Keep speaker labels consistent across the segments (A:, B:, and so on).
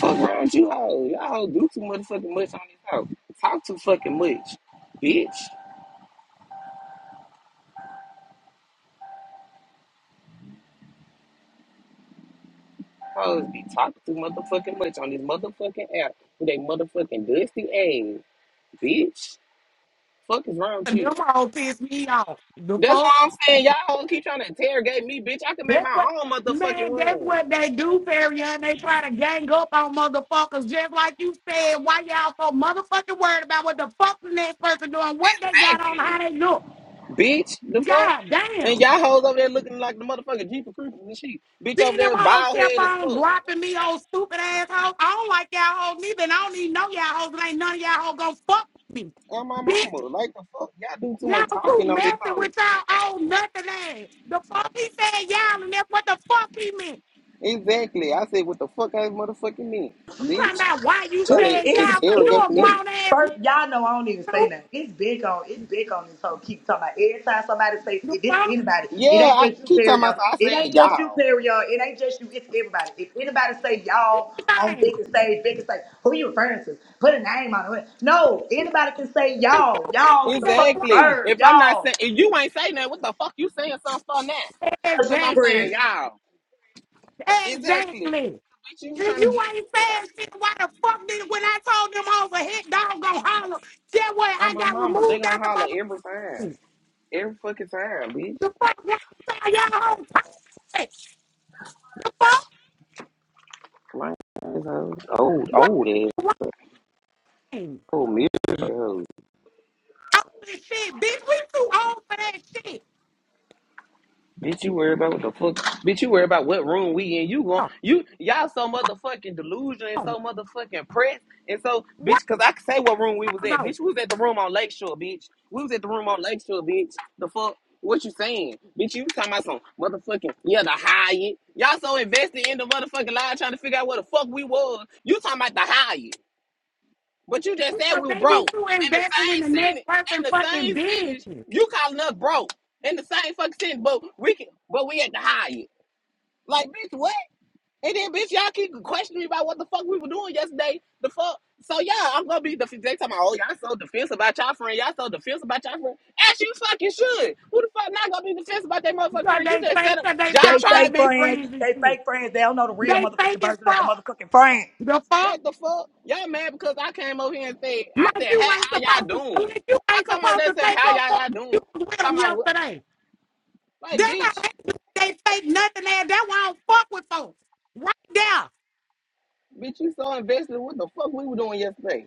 A: Fuck wrong with you all? Y'all do too motherfucking much on this hoe. Talk too fucking much, bitch. Hoes be talking too motherfucking much on this motherfucking app with they motherfucking dusty ass, bitch. Fuck is wrong with
B: And
A: you?
B: them all piss me off. The
A: That's
B: fuck?
A: all I'm saying. Y'all hoes keep trying to interrogate me, bitch. I can make
B: That's what
A: my own motherfucking
B: man, that's
A: room.
B: what they do, Farian. They try to gang up on motherfuckers just like you said. Why y'all so motherfucking worried about what the fuck the next person doing, what they got
A: Thank
B: on, how
A: you,
B: they look.
A: bitch. The fuck?
B: God
A: And
B: damn.
A: y'all hoes over there looking like the motherfucking Jeep of Creepers and shit. Bitch over
B: Then them
A: there
B: hoes
A: bald
B: kept
A: head as
B: on
A: fuck.
B: dropping me old stupid ass hoes. I don't like y'all hoes neither, and I don't even know y'all hoes, and ain't none of y'all hoes gonna fuck with me.
A: On my
B: Bitch,
A: mama, like the fuck? Y'all do too much
B: y'all too
A: talking on this
B: messing
A: hoe.
B: with y'all old nothing ass. The fuck he said y'all, and that's what the fuck he meant.
A: Exactly. I said, what the fuck I motherfucking mean,
B: You talking
A: bitch?
B: about why you
A: Trying
C: It's,
A: to
B: saying
C: it's,
B: yeah, because you
C: it's,
A: interrogate
B: a
C: it's
A: me.
B: grown ass man
C: first, y'all know I don't even say nothing. It's big on it's big on this whole keep talking about every time somebody say
B: The
C: it this
B: fuck
C: anybody.
A: Yeah,
C: It ain't
A: I
C: just you,
A: keep talking
C: Perion.
A: about I
C: It
A: said
C: ain't just you,
A: y'all.
C: Perion. It ain't just you, it's everybody. If anybody say y'all on
B: thing.
C: big stage, big stage, who you referring to? Put a name on it. No, anybody can say
B: And
C: y'all.
B: you can't
C: Y'all is
B: say
C: a
B: that
C: fucking
A: Exactly.
B: alone.
C: verb.
A: If I'm not
C: Y'all.
A: saying if you ain't saying that, what the fuck you saying something for now?
C: So
A: Cause
C: she
A: I'm
B: Exactly.
A: saying
C: friends.
A: y'all. Exactly.
B: Exactly.
A: Bitch, you
B: If
A: trying to
B: you
A: get
B: ain't saying shit, why the fuck did when I told them over hit dog go holler? That way
A: on
B: I
A: my
B: got
A: mama. They
B: removed
A: gonna
B: out the
A: holler
B: motherfucker.
A: every time. Every fucking time, bitch.
B: The fuck y'all say y'all whole time? The fuck?
A: Like old,
B: What?
A: old ass,
B: Why? Oh,
A: old mirror.
B: this shit, bitch, we too old for that shit.
A: Bitch, you worry about what the fuck? Bitch, you worry about what room we in? You gon'
B: Oh,
A: you y'all so motherfucking delusional and
B: oh.
A: so motherfucking pressed and so
B: Wow,
A: bitch. Cause I can say what room we was at.
B: though.
A: Bitch, we was at the room on Lakeshore, bitch. We was at the room on Lakeshore, bitch. The fuck? What you saying, bitch? You talking about some motherfucking yeah the Hyatt? Y'all so invested in the motherfucking lie, trying to figure out what the fuck we was. You talking about the Hyatt? But you just said
B: Because
A: we were
B: they be
A: broke.
B: too
A: And the
B: invested in
A: same
B: the next
A: sentence,
B: person
A: and the
B: fucking
A: same sentence,
B: business.
A: you calling us broke. And the same fucking sentence, but we can, but we had to hire you. Like, bitch, what? And then, bitch, y'all keep questioning me about what the fuck we were doing yesterday. The fuck. So yeah, I'm gonna be defensive. They talking about, oh, y'all so defensive about y'all friend. Y'all so defensive about y'all friend. As you fucking should. Who the fuck not gonna be defensive about that motherfucking
B: Because
A: friend? You
B: they
A: just said
B: fake
A: them.
B: and they
A: Y'all
B: talk
C: They
A: trying
B: about
A: to
C: fake
B: their
A: be fuck.
C: friends.
B: friends and
C: They
B: shit.
C: fake friends. They don't know the real
B: They
C: motherfucking
B: fake and
C: version of a
B: fuck.
C: motherfucking friend.
B: The fuck?
A: Like the fuck? Y'all mad because I came over here and said, I
B: Like
A: said,
B: you ain't
A: hey, how
B: supposed to
A: y'all doing?
B: like you
A: I
B: ain't
A: come over
B: supposed
A: there
B: to
A: saying,
B: take
A: how
B: no
A: y'all,
B: fuck
A: y'all doing?
B: you was with them
A: Talking about, what?
B: yesterday.
A: like,
B: That's how
A: bitch,
B: they do. They fake nothing and that why I don't fuck with folks. Right there.
A: bitch, you so invested. What the fuck we were doing yesterday?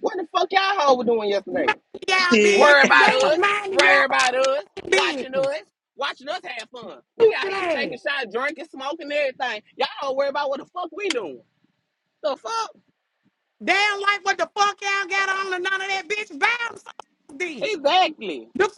A: What the fuck y'all hoe were doing
B: Mind
A: yesterday?
B: y'all business.
A: Worry
C: Shit.
A: about
B: They was
A: us,
B: minding y'all
A: worry about us, watching us,
B: business.
A: watching us have fun. We got
B: Stupid
A: here
B: ass.
A: taking shots, drinking, smoking, everything. Y'all don't worry about what the fuck we doing. The fuck?
B: They don't like what the fuck y'all got on and none of that bitch. Bounce off then.
A: Exactly.
B: The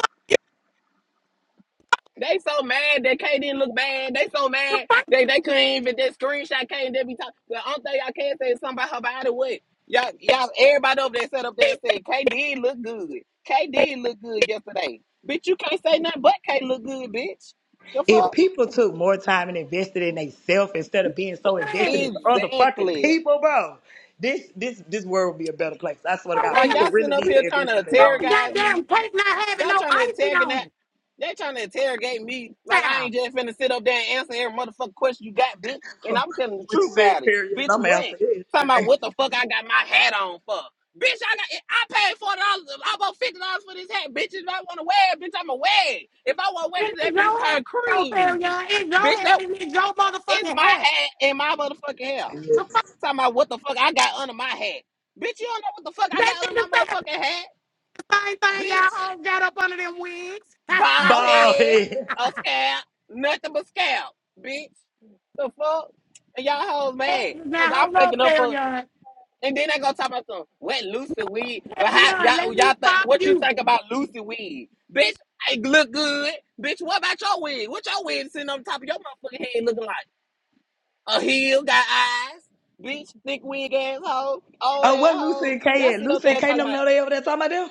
A: They so mad that K didn't look bad. They so
B: fuck
A: mad they they couldn't even that screenshot K and they be talking. The only thing I can say is something about her body. What y'all y'all everybody over there sat up there and said K did look good. K did look good yesterday. Bitch, you can't say nothing but K look good, bitch. The
C: If
A: fuck?
C: people took more time and invested in themselves instead of being so invested
B: Red.
C: into other fucking
A: Exactly.
C: people, bro, this this this world would be a better place. I swear to
B: For
C: God,
A: Like
B: real,
C: people
A: y'all sitting
C: really
A: up
C: need
B: man.
C: to
A: here trying
C: invest
A: to
C: in their
B: Got
C: own
B: the
A: terrorize me
B: goddamn cake not having
A: Y'all
B: no
A: trying to
B: icing on
A: interrogate
B: it,
A: they trying to interrogate me like I
B: child.
A: ain't just finna sit up there and answer every motherfucking question you got, bitch. And
C: self.
A: I'm telling the
C: What you
A: truth
C: said,
A: about it.
C: period.
A: Bitch,
C: I'm
A: when?
C: answering
A: Talking about
C: everything.
A: what the fuck I got my hat on for. Bitch, I got I paid forty dollars, almost fifty dollars for this hat, bitch. If I wanna wear it, bitch, I'ma wear it. If I wanna wear
B: And
A: this,
B: it's
A: that bitch
B: your head,
A: turn
B: so fair,
A: cream.
B: y'all. It's your
A: Bitch,
B: head
A: that
B: and it's your
A: is
B: motherfucking
A: my
B: head.
A: hat and my motherfucking hair.
B: The
C: Yes.
B: fuck?
A: Talking about what the fuck I got under my hat. Bitch, you don't know what the fuck I
B: That
A: got under
B: nigga
A: my
B: said
A: motherfucking hat,
B: the same thing y'all
A: bitch.
B: all got up under them wigs.
A: Bald
C: Bald
A: head,
C: head.
A: a scalp, nothing but scalp, bitch. The fuck? And y'all hoes mad.
B: Eggs
A: Cause
B: now,
A: I'm
B: hold up,
A: picking up
B: fair,
A: for
B: y'all,
A: and then they gonna talk about some wet Lucy weed.
B: Fair,
A: Well
B: y'all,
A: how y'all
B: let me
A: y'all think
B: pop
A: what you
B: you.
A: think about Lucy weed? Bitch, It look good. Bitch, what about your wig? What your wig sitting on top of your motherfucking head looking like? A heel, got eyes, bitch, thick wig asshole, old
C: Oh, what Lucy
A: asshole.
C: and K
A: Y'all
C: at?
A: sit up
C: Lucy
A: there
C: and K
A: talking
C: them
A: about
C: know they over there talking about them?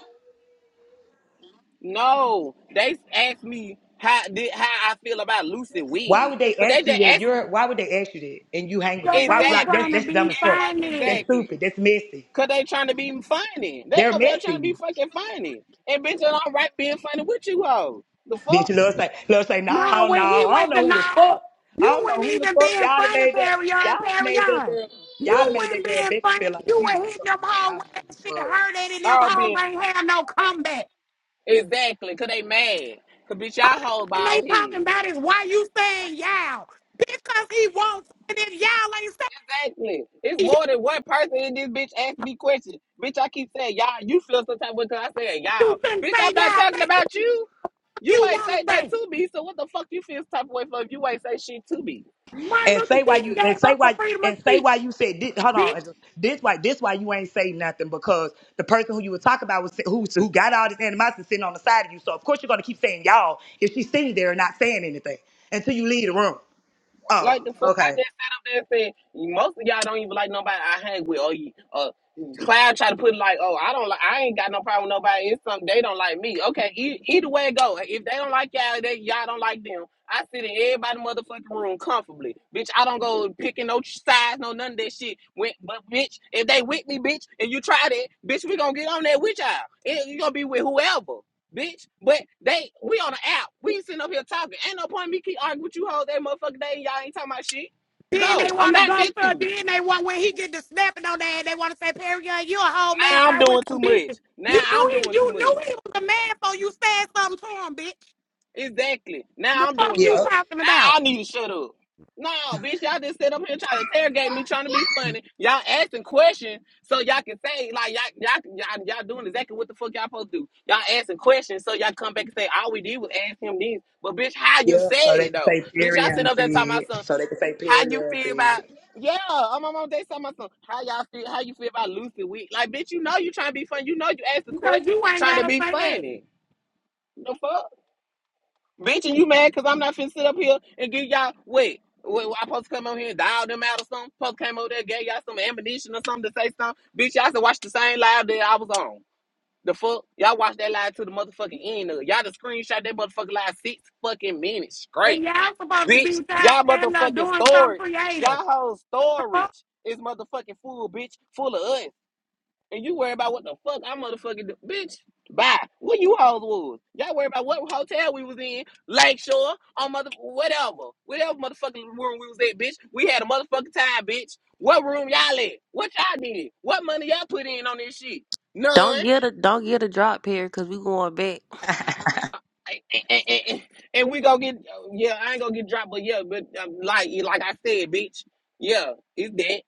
A: No, they asked me how did how I feel about Lucy
C: Why
A: Wig.
C: would they
A: Cause they
C: ask you
A: just
C: that?
A: asked me
C: You're why would they ask you that? And you hang with them?
B: Because
C: Why
B: they were
A: exactly,
C: like that's
B: trying to
C: that's dumb
B: be
C: as fuck.
A: fucking
C: That's
B: funny.
C: stupid.
A: exactly.
C: That's messy.
A: Cause they trying to be funny. They
C: They're
A: over there trying to
C: messy.
A: be fucking funny. And bitch, I'm right being funny with you hoes. The
C: Bitch,
A: fuck?
C: Lil say, Lil say,
B: Now,
C: no, no,
B: when he
C: I don't
B: went to
C: know who the
B: now,
C: fuck. I
B: you
C: don't know
B: wouldn't
C: who the
B: even be
C: fuck
B: in
C: y'all done
B: front of
C: made that. Y'all
B: Perion.
C: done made that
B: Perion.
C: girl. Y'all done
B: You
C: made that
B: wouldn't be
C: girl
B: in
C: Becky
B: front of
C: feel like
B: you
C: she
B: would
C: is
B: hit
C: something.
B: them
C: I
B: hoes
C: don't
B: with
C: know
B: that
C: what
B: shit
C: the fuck.
B: hurt it and them
A: All
B: hoes
A: being
B: ain't have no comeback.
A: exactly. Cause they mad. Cause bitch, y'all hold
B: And they
A: bald head.
B: talking about is why you saying y'all. Because he wants and if y'all ain't
A: Exactly. It's
B: saying y'all
A: more than one person in this bitch asked me questions. Bitch, I keep saying y'all. You feel some type of way 'cause I said y'all.
B: you shouldn't
A: Bitch,
B: say
A: I'm not
B: y'all.
A: talking
B: Man,
A: about you.
B: what
A: You
B: you
A: ain't
B: wanna
A: say nothing
B: say?
A: to me, so what the fuck you feel some type of way for if you ain't say shit to me?
B: Martin
C: And
B: Luther
C: say why
B: King
C: you and
B: gave
C: say
B: up the
C: why
B: freedom of
C: and say
B: speech.
C: why you said this, hold on
B: bitch.
C: this why this why you ain't say nothing because the person who you were talking about was who who got all this animosity sitting on the side of you so of course you're gonna keep saying y'all if she's sitting there and not saying anything until you leave the room. Oh
A: Like the fuck, I
C: okay
A: just sat up there and said, most of y'all don't even like nobody I hang with. Or you, uh, Cloud try to put it like, oh, I don't like, I ain't got no problem with nobody. It's something they don't like me. Okay, e- either way it go. If they don't like y'all, they y'all don't like them. I sit in everybody motherfucking room comfortably, bitch. I don't go picking no sides, no none of that shit. When, but bitch, if they with me, bitch, and you try that, bitch, we gonna get on that with y'all. It, you gonna be with whoever. bitch. But they, we on the app. We sitting up here talking. Ain't no point in me keep arguing with you hoes that motherfucker day and y'all ain't talking about shit.
B: Then
A: No,
B: they
A: I'm
B: want to
A: not
B: go
A: fit
B: for
A: to.
B: it. Then they want when he get to snapping on that, they want to say, Perry Young, you a whole man
A: Now I'm
B: hard with
A: doing too
B: some
A: much.
B: bitches. You
A: Now
B: knew
A: I'm
B: he,
A: doing too
B: you knew
A: much.
B: he was a man, so you said something to him, bitch.
A: Exactly. Now
B: The
A: I'm
B: fuck
A: doing the
B: you
C: yeah.
A: most.
B: talking about?
A: Now I need to shut up. No, bitch, y'all just sit up here trying to interrogate me, trying to be funny. Y'all asking questions so y'all can say like y'all y'all y'all, y'all doing exactly what the fuck y'all supposed to do. Y'all asking questions so y'all come back and say all we did was ask him these. But bitch, how you
C: Yep, so
A: said
C: they
A: it
C: can
A: though?
C: say
A: Bitch, y'all
C: period
A: sitting
C: and
A: up there talking
C: feed.
A: about something.
C: So they can say
A: How
C: period
A: you
C: and
A: feel about
C: feed.
A: yeah, I'm on my day some some how y'all feel how you feel about Lucy Week. Like bitch, you know you trying to be funny. You know you asked the
B: Because
A: question
B: you ain't
A: trying to
B: gotta
A: be
B: say that.
A: funny. The fuck? Bitch, and you mad cause I'm not finna sit up here and give y'all wait. Wait, I supposed to come over here and dial them out or something? Supposed to came over there, and gave y'all some ammunition or something to say something. Bitch, y'all said watch the same live that I was on. The fuck? Y'all watch that live to the motherfucking end of it. Y'all the screenshot that motherfucking live six fucking minutes straight
B: And y'all supposed to
A: bitch.
B: be out
A: Y'all
B: standing up
A: motherfucking
B: doing something
A: storage.
B: creative.
A: Y'all whole
B: The fuck?
A: storage is motherfucking full, bitch, full of us. And you worry about what the fuck I motherfucking do. Bitch, bye. Where you hoes was? Y'all worry about what hotel we was in, Lakeshore, or mother whatever. Whatever motherfucking room we was at, bitch. We had a motherfucking time, bitch. What room y'all at? What y'all did? What money y'all put in on this shit?
D: Don't
A: None.
D: get a don't get a drop here because we going back.
A: and, and, and- and we gonna get yeah, I ain't gonna get dropped, but yeah, but um, like like I said, bitch, yeah, it's that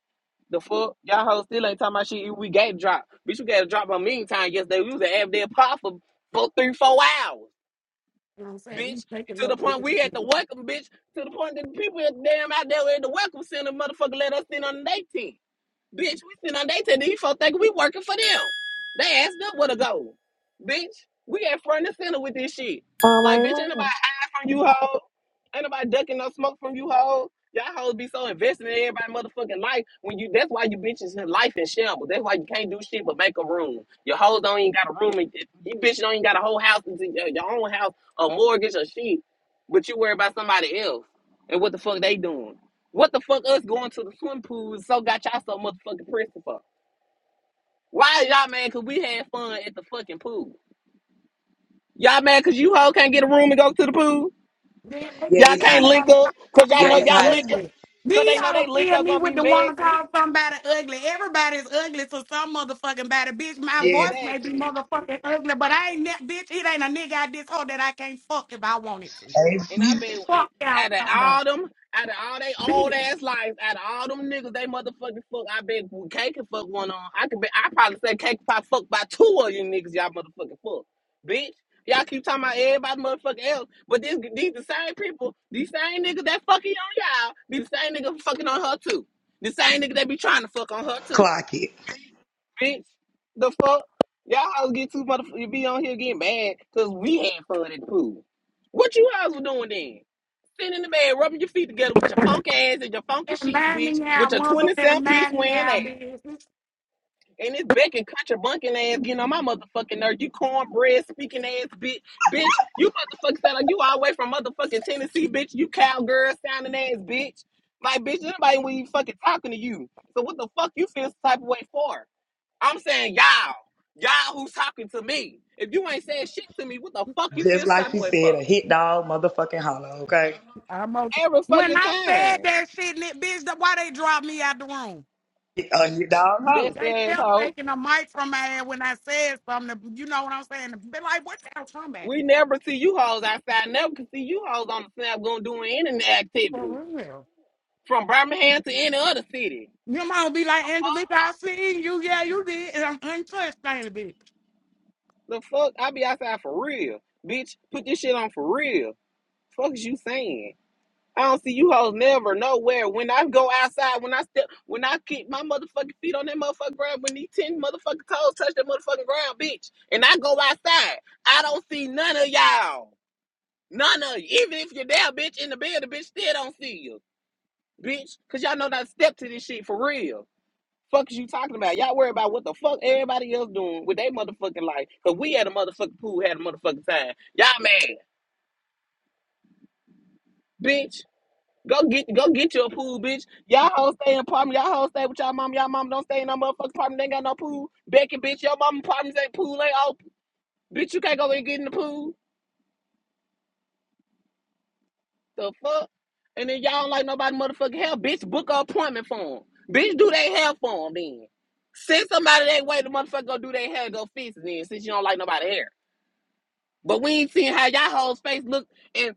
A: the fuck y'all hoes still ain't talking about shit. We got dropped, bitch. We got dropped by meantime yesterday. We was at Avdale Pop for, for three four hours,
B: You know what I'm saying? He's
A: bitch.
B: taking
A: To
B: no
A: the point we
B: pictures.
A: had to welcome, bitch. To the point that the people at damn out there at the welcome center, motherfucker, let us in on the day Bitch, we sitting on they tell these folks think we working for them. They asked us where to go. Bitch, we at front and center with this shit.
E: Oh my
A: Like, bitch, ain't
E: God.
A: nobody hiding from you hoes. Ain't nobody ducking no smoke from you hoes. Y'all hoes be so invested in everybody motherfucking life when you that's why you bitches in life in shambles. That's why you can't do shit but make a room. Your hoes don't even got a room and you bitches don't even got a whole house into your, your own house, a mortgage or shit. But you worry about somebody else and what the fuck they doing. What the fuck us going to the swim pool so got y'all so motherfucking pressing for? Why y'all mad cause we had fun at the fucking pool? Y'all mad cause you hoe can't get a room and go to the pool?
B: Then they
C: Yeah,
A: Y'all
C: it's
B: tell
A: can't
B: me
C: hot.
A: link
B: want to
A: up
B: call
A: cause y'all
C: Yeah,
A: know
B: somebody
C: it's
A: y'all
C: hot as
A: link
C: fuck.
A: up
B: ugly.
A: cause they
B: These
A: know
B: all
A: they link
B: kill
A: up
B: me
A: gonna
B: with
A: be
B: the want to
A: messy.
B: call somebody ugly. Everybody's ugly to some motherfucking body. Bitch, my
C: Yeah.
B: voice may be
A: Exactly.
B: motherfucking ugly, but I ain't that bitch. It ain't a nigga out this hole that I can't fuck if I wanted to.
C: Hey,
A: And
C: you
A: I bet
B: Fuck
A: it-
B: y'all
A: out of
B: somebody.
A: all them, out of all they old
B: Bitch,
A: ass lives, out of all them niggas, they motherfucking fuck. I bet K can fuck one on. I could bet. I probably say K can probably fuck by two of you niggas. Y'all motherfucking fuck, bitch. Y'all keep talking about everybody motherfucking else, but this, these the same people, these same niggas that fucking on y'all, these same niggas fucking on her too. The same nigga that be trying to fuck on her too
C: clock it.
A: bitch. The fuck? Y'all hoes get too motherfuckers. You be on here getting mad because we had fun at the pool. What you hoes were doing then? Sitting in the bed, rubbing your feet together with your funk ass and your funky
B: and
A: sheets,
B: mind me
A: bitch,
B: y'all
A: with your
B: mother
A: 20
B: and
A: cent piece
B: mind me
A: wearing
B: y'all
A: ass.
B: business.
A: And this Becky country bunking ass getting on my motherfucking nerve. You cornbread speaking ass bitch. Bitch, you motherfucking sound like you all the way from motherfucking Tennessee, bitch. You cowgirl sounding ass bitch. Like, bitch, anybody when you fucking talking to you. So what the fuck you feel this type of way for? I'm saying y'all, y'all who's talking to me. If you ain't saying shit to me, what the fuck you
C: Just
A: feel some
C: like
A: type of
C: she
A: way
C: said,
A: for?
C: a hit dog motherfucking hollow, okay?
B: I'm okay.
A: Every
B: When
A: fucking
B: I said
A: time.
B: that shit, ni- bitch, that why they dropped me out the room?
C: A hit dog hollow.
A: That's the
B: They kept
A: asshole.
B: taking a mic from my head when I said something. You know what I'm saying? Be like, what y'all talking about?
A: We never see you hoes outside. Never can see you hoes on the snap going doing any
B: For
A: activities
B: real.
A: from Birmingham to any other city.
B: Your mom be like,
A: The
B: Angelica,
A: fuck?
B: I seen you. Yeah, you did. And I'm untouched, ain't it, bitch?
A: The fuck? I be outside for real, bitch. Put this shit on for real. Fuck is you saying? I don't see you hoes never nowhere. When I go outside, when I step, when I keep my motherfucking feet on that motherfucking ground, when these ten motherfucking toes touch that motherfucking ground, bitch, and I go outside, I don't see none of y'all. None of you. Even if you're there, bitch, in the bed, the bitch still don't see you, bitch, cause y'all know not to step to this shit for real. Fuck is you talking about? Y'all worry about what the fuck everybody else doing with their motherfucking life, cause we had a motherfucking pool, had a motherfucking time. Y'all mad, bitch. Go get go get your pool, bitch. Y'all hoes stay in apartment. Y'all hoes stay with y'all mom. Y'all mom don't stay in no motherfucking apartment. They ain't got no pool. Becky, bitch, your mom apartments ain't pool ain't open. Bitch, you can't go and get in the pool. The fuck? And then y'all don't like nobody motherfucking help. Bitch, book an appointment for 'em. Bitch, do they hair for 'em then. Send somebody that way the motherfucker go do their hair, go fix it then, since you don't like nobody hair. But we ain't seen how y'all hoes face look and.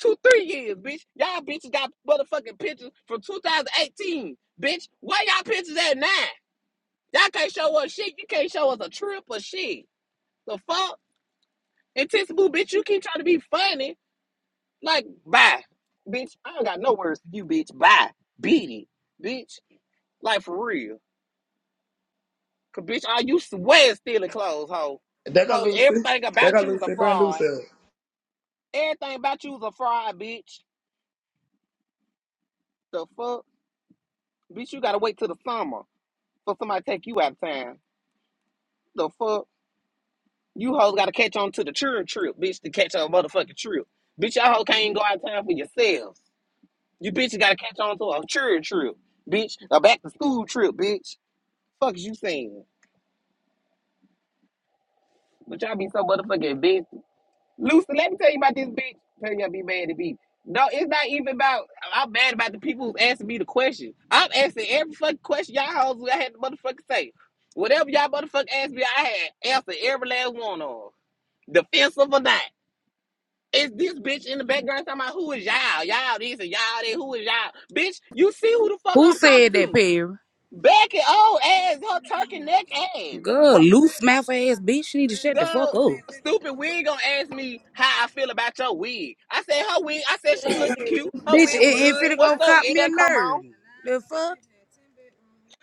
A: Two, three years, bitch. Y'all bitches got motherfucking pictures from 2018, bitch. Why y'all pictures at now? Y'all can't show us shit. You can't show us a trip or shit. The fuck? And Tissy Boo, bitch, you keep trying to be funny. Like, bye. Bitch, I don't got no words for you, bitch. Bye. Beat it, bitch. Like, for real. Cause, bitch, all you swear is stealing clothes, hoe.
C: There go
A: Hoe,
C: Lucy.
A: everything
C: There go
A: about you is a
C: Lucy. Bring
A: fraud.
C: Lucy up.
A: Everything about you is a fraud, bitch. The fuck? Bitch, you gotta wait till the summer for somebody to take you out of town. The fuck? You hoes gotta catch on to the church trip, bitch, to catch a motherfucking trip. Bitch, y'all hoes can't even go out of town for yourselves. You bitches gotta catch on to a church trip, bitch. A back to school trip, bitch. Fuck is you saying? But y'all be so motherfucking bitch. Lucy, let me tell you about this bitch. Tell y'all be mad at me. No, it's not even about. I'm mad about the people who's asking me the question. I'm asking every fucking question y'all hoes. I had to motherfucking say. Whatever y'all motherfucking asked me, I had answered every last one of them. Defensive or not. Is this bitch in the background talking about who is y'all? Y'all this and y'all that. Who is y'all? Bitch, you see who the fuck
F: Who
A: I'm talking
F: said that,
A: to.
F: Perry?
A: Becky, and old ass, her turkey neck ass.
F: Girl,
A: Ru-
F: loose mouth ass bitch. She need to shut the fuck
A: Girl,
F: up.
A: stupid wig gonna ask me how I feel about your wig. I said her wig, I said she looked cute. Her
F: Bitch, it
A: wig was
F: ain't
A: good.
F: finna go
A: What's up?
F: cop
A: It
F: me a
A: didn't come on.
F: nerd. The fuck?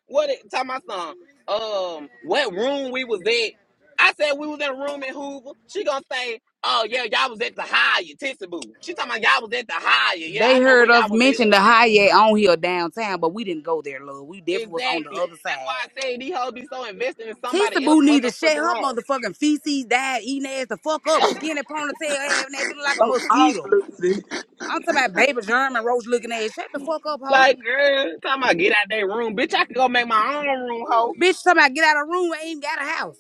A: What it tell my son? Um, what room we was at? I said we was in a room in Hoover. She gonna say, Oh yeah, y'all was at the Hyatt, Tissaboo. She talking about y'all was at the Hyatt. Yeah,
F: They
A: I know
F: heard
A: where
F: us
A: y'all was at.
F: mention the Hayek on here downtown, but we didn't go there, love. We definitely was on the
A: Exactly.
F: other
A: That's why
F: side.
A: I say these hoes be so invested in
F: Tissa
A: somebody else
F: Boo need to shut
A: motherfucking
F: her
A: life.
F: motherfucking feces, died, eating ass the fuck up, skinny ponytail, having that bitch like a
C: Go off,
F: mosquito.
C: Lucy.
F: I'm talking about baby germ and roach looking ass. Shut the fuck up, hoe.
A: Like, girl, time I get out that room, bitch, I can go make my own room, hoe.
F: Bitch, talking about get out of room, I ain't got a house.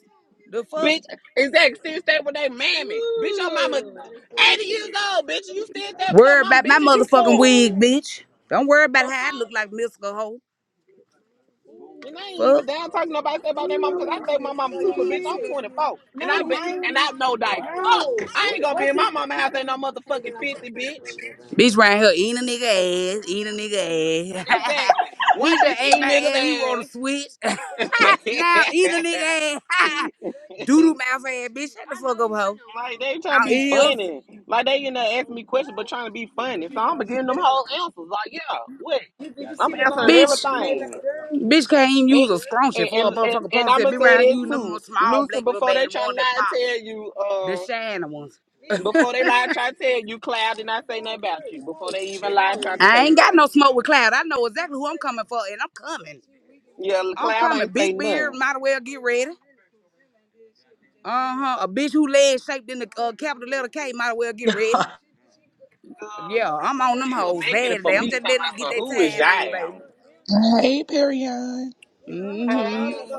F: The fuck?
A: Bitch, is that still stay with that mammy? Bitch, your mama 80 years old, bitch, and you still stay with your
F: Worry
A: mama,
F: about my
A: bitch, and you
F: motherfucking
A: 40.
F: wig, bitch. Don't worry about
A: So
F: how I
A: fuck.
F: look like mystical hoe.
A: And I ain't
F: Fuck.
A: even down talking nobody say about their mama because I stay with my mama too, but bitch, I'm 24. And I bet and I know like fuck. I ain't gonna be in my mama house ain't no motherfucking 50, bitch.
F: Bitch right here eating a nigga ass, eating a nigga ass.
A: Exactly.
F: he
A: One
F: just
A: bitch
F: ate
A: eating
F: my
A: niggas
F: ass. He want
A: ass.
F: to switch.
A: like
F: now eating a nigga ass. Doodle mouth ass, bitch. Shut the fuck up, hoe.
A: they trying to
F: Our
A: be
F: ears.
A: funny. Like they in there asking me questions but trying to be funny. So I'm giving them whole answers. Like, yeah, what? I'm answering
F: Bitch.
A: everything.
F: Bitch can't even
A: And
F: use a scrunchie
A: and,
F: for a
A: and, and,
F: motherfucking
A: and I'm
F: ponytail.
A: gonna
F: Be right
A: say
F: here
A: that
F: using them
A: too.
F: small
A: Lucy,
F: black rubber
A: before
F: band,
A: they
F: the
A: try to
F: one that
A: lie to
F: pop.
A: tell you,
F: The
A: uh
F: shiny ones.
A: before they lie try to tell you, Cloud did not say nothing about you. Before they even lie try to
F: I
A: say
F: ain't got
A: something.
F: no smoke with cloud. I know exactly who I'm coming for, and I'm coming.
A: Yeah,
F: I'm
A: Cloud
F: coming.
A: ain't say
F: Big beard,
A: nothing.
F: might as well get ready. Uh huh. A bitch who leg shaped in the uh, capital letter K, might as well get ready.
A: Girl,
F: Yeah, I'm on them
A: it was
F: hoes
A: making
F: bad
A: it for
F: today. I'm
A: me
F: just
A: talking
F: letting them get
A: about so
F: their
A: who is
F: time in, baby.
A: y'all?
G: Hey, Perion.
F: Mm-hmm.
A: Hey,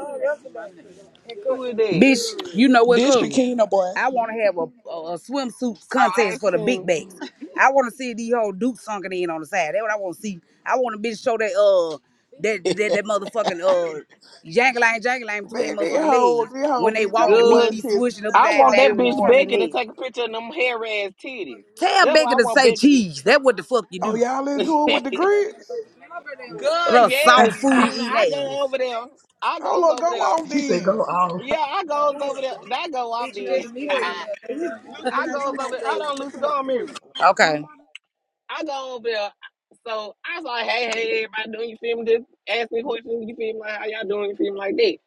A: who is that?
F: Bitch, you know what,
G: This
F: cool.
G: Shakina boy.
F: I want to have a, a, a swimsuit
A: I'm
F: contest for the big
A: asking
F: bags. I want to see these whole Duke sunken in on the side. That's what I want to see. I want a bitch show that uh that that, that
G: Man,
F: motherfucking uh jangling jangling between their
G: this
F: motherfucking
G: whole,
F: legs
G: this
F: when
G: whole
F: they
G: bitch
F: walk.
G: on
F: The meat
G: one
A: good.
F: be
G: since
F: swishing
G: 9
A: I
F: upside
A: want
G: o'clock
A: that
G: this
F: down in
A: bitch
F: front
G: morning.
F: of their
A: Becky to
F: legs.
A: take a picture of them hairy ass titties.
F: Tell
A: That's why
F: Becky
A: I
F: to
A: want
F: say
A: Becky to.
F: cheese. That what the fuck you
G: Oh,
F: do.
G: y'all into it with the grits?
A: good,
F: What a
A: yes,
F: soft food
A: Keena.
F: eating
A: I go over there. I
G: Hold
A: goes
G: up, go
A: over there.
G: off
C: she said go
G: then.
C: off.
A: Yeah, I goes over there. That go off then.
F: ass.
A: Luke, I goes over there. Hold on, Luke, go on mute.
F: Okay.
A: I go over there. So I was like, hey, hey, everybody doing, you feel me? Just ask me questions, you feel me? Like, how y'all doing, you feel me? Like that.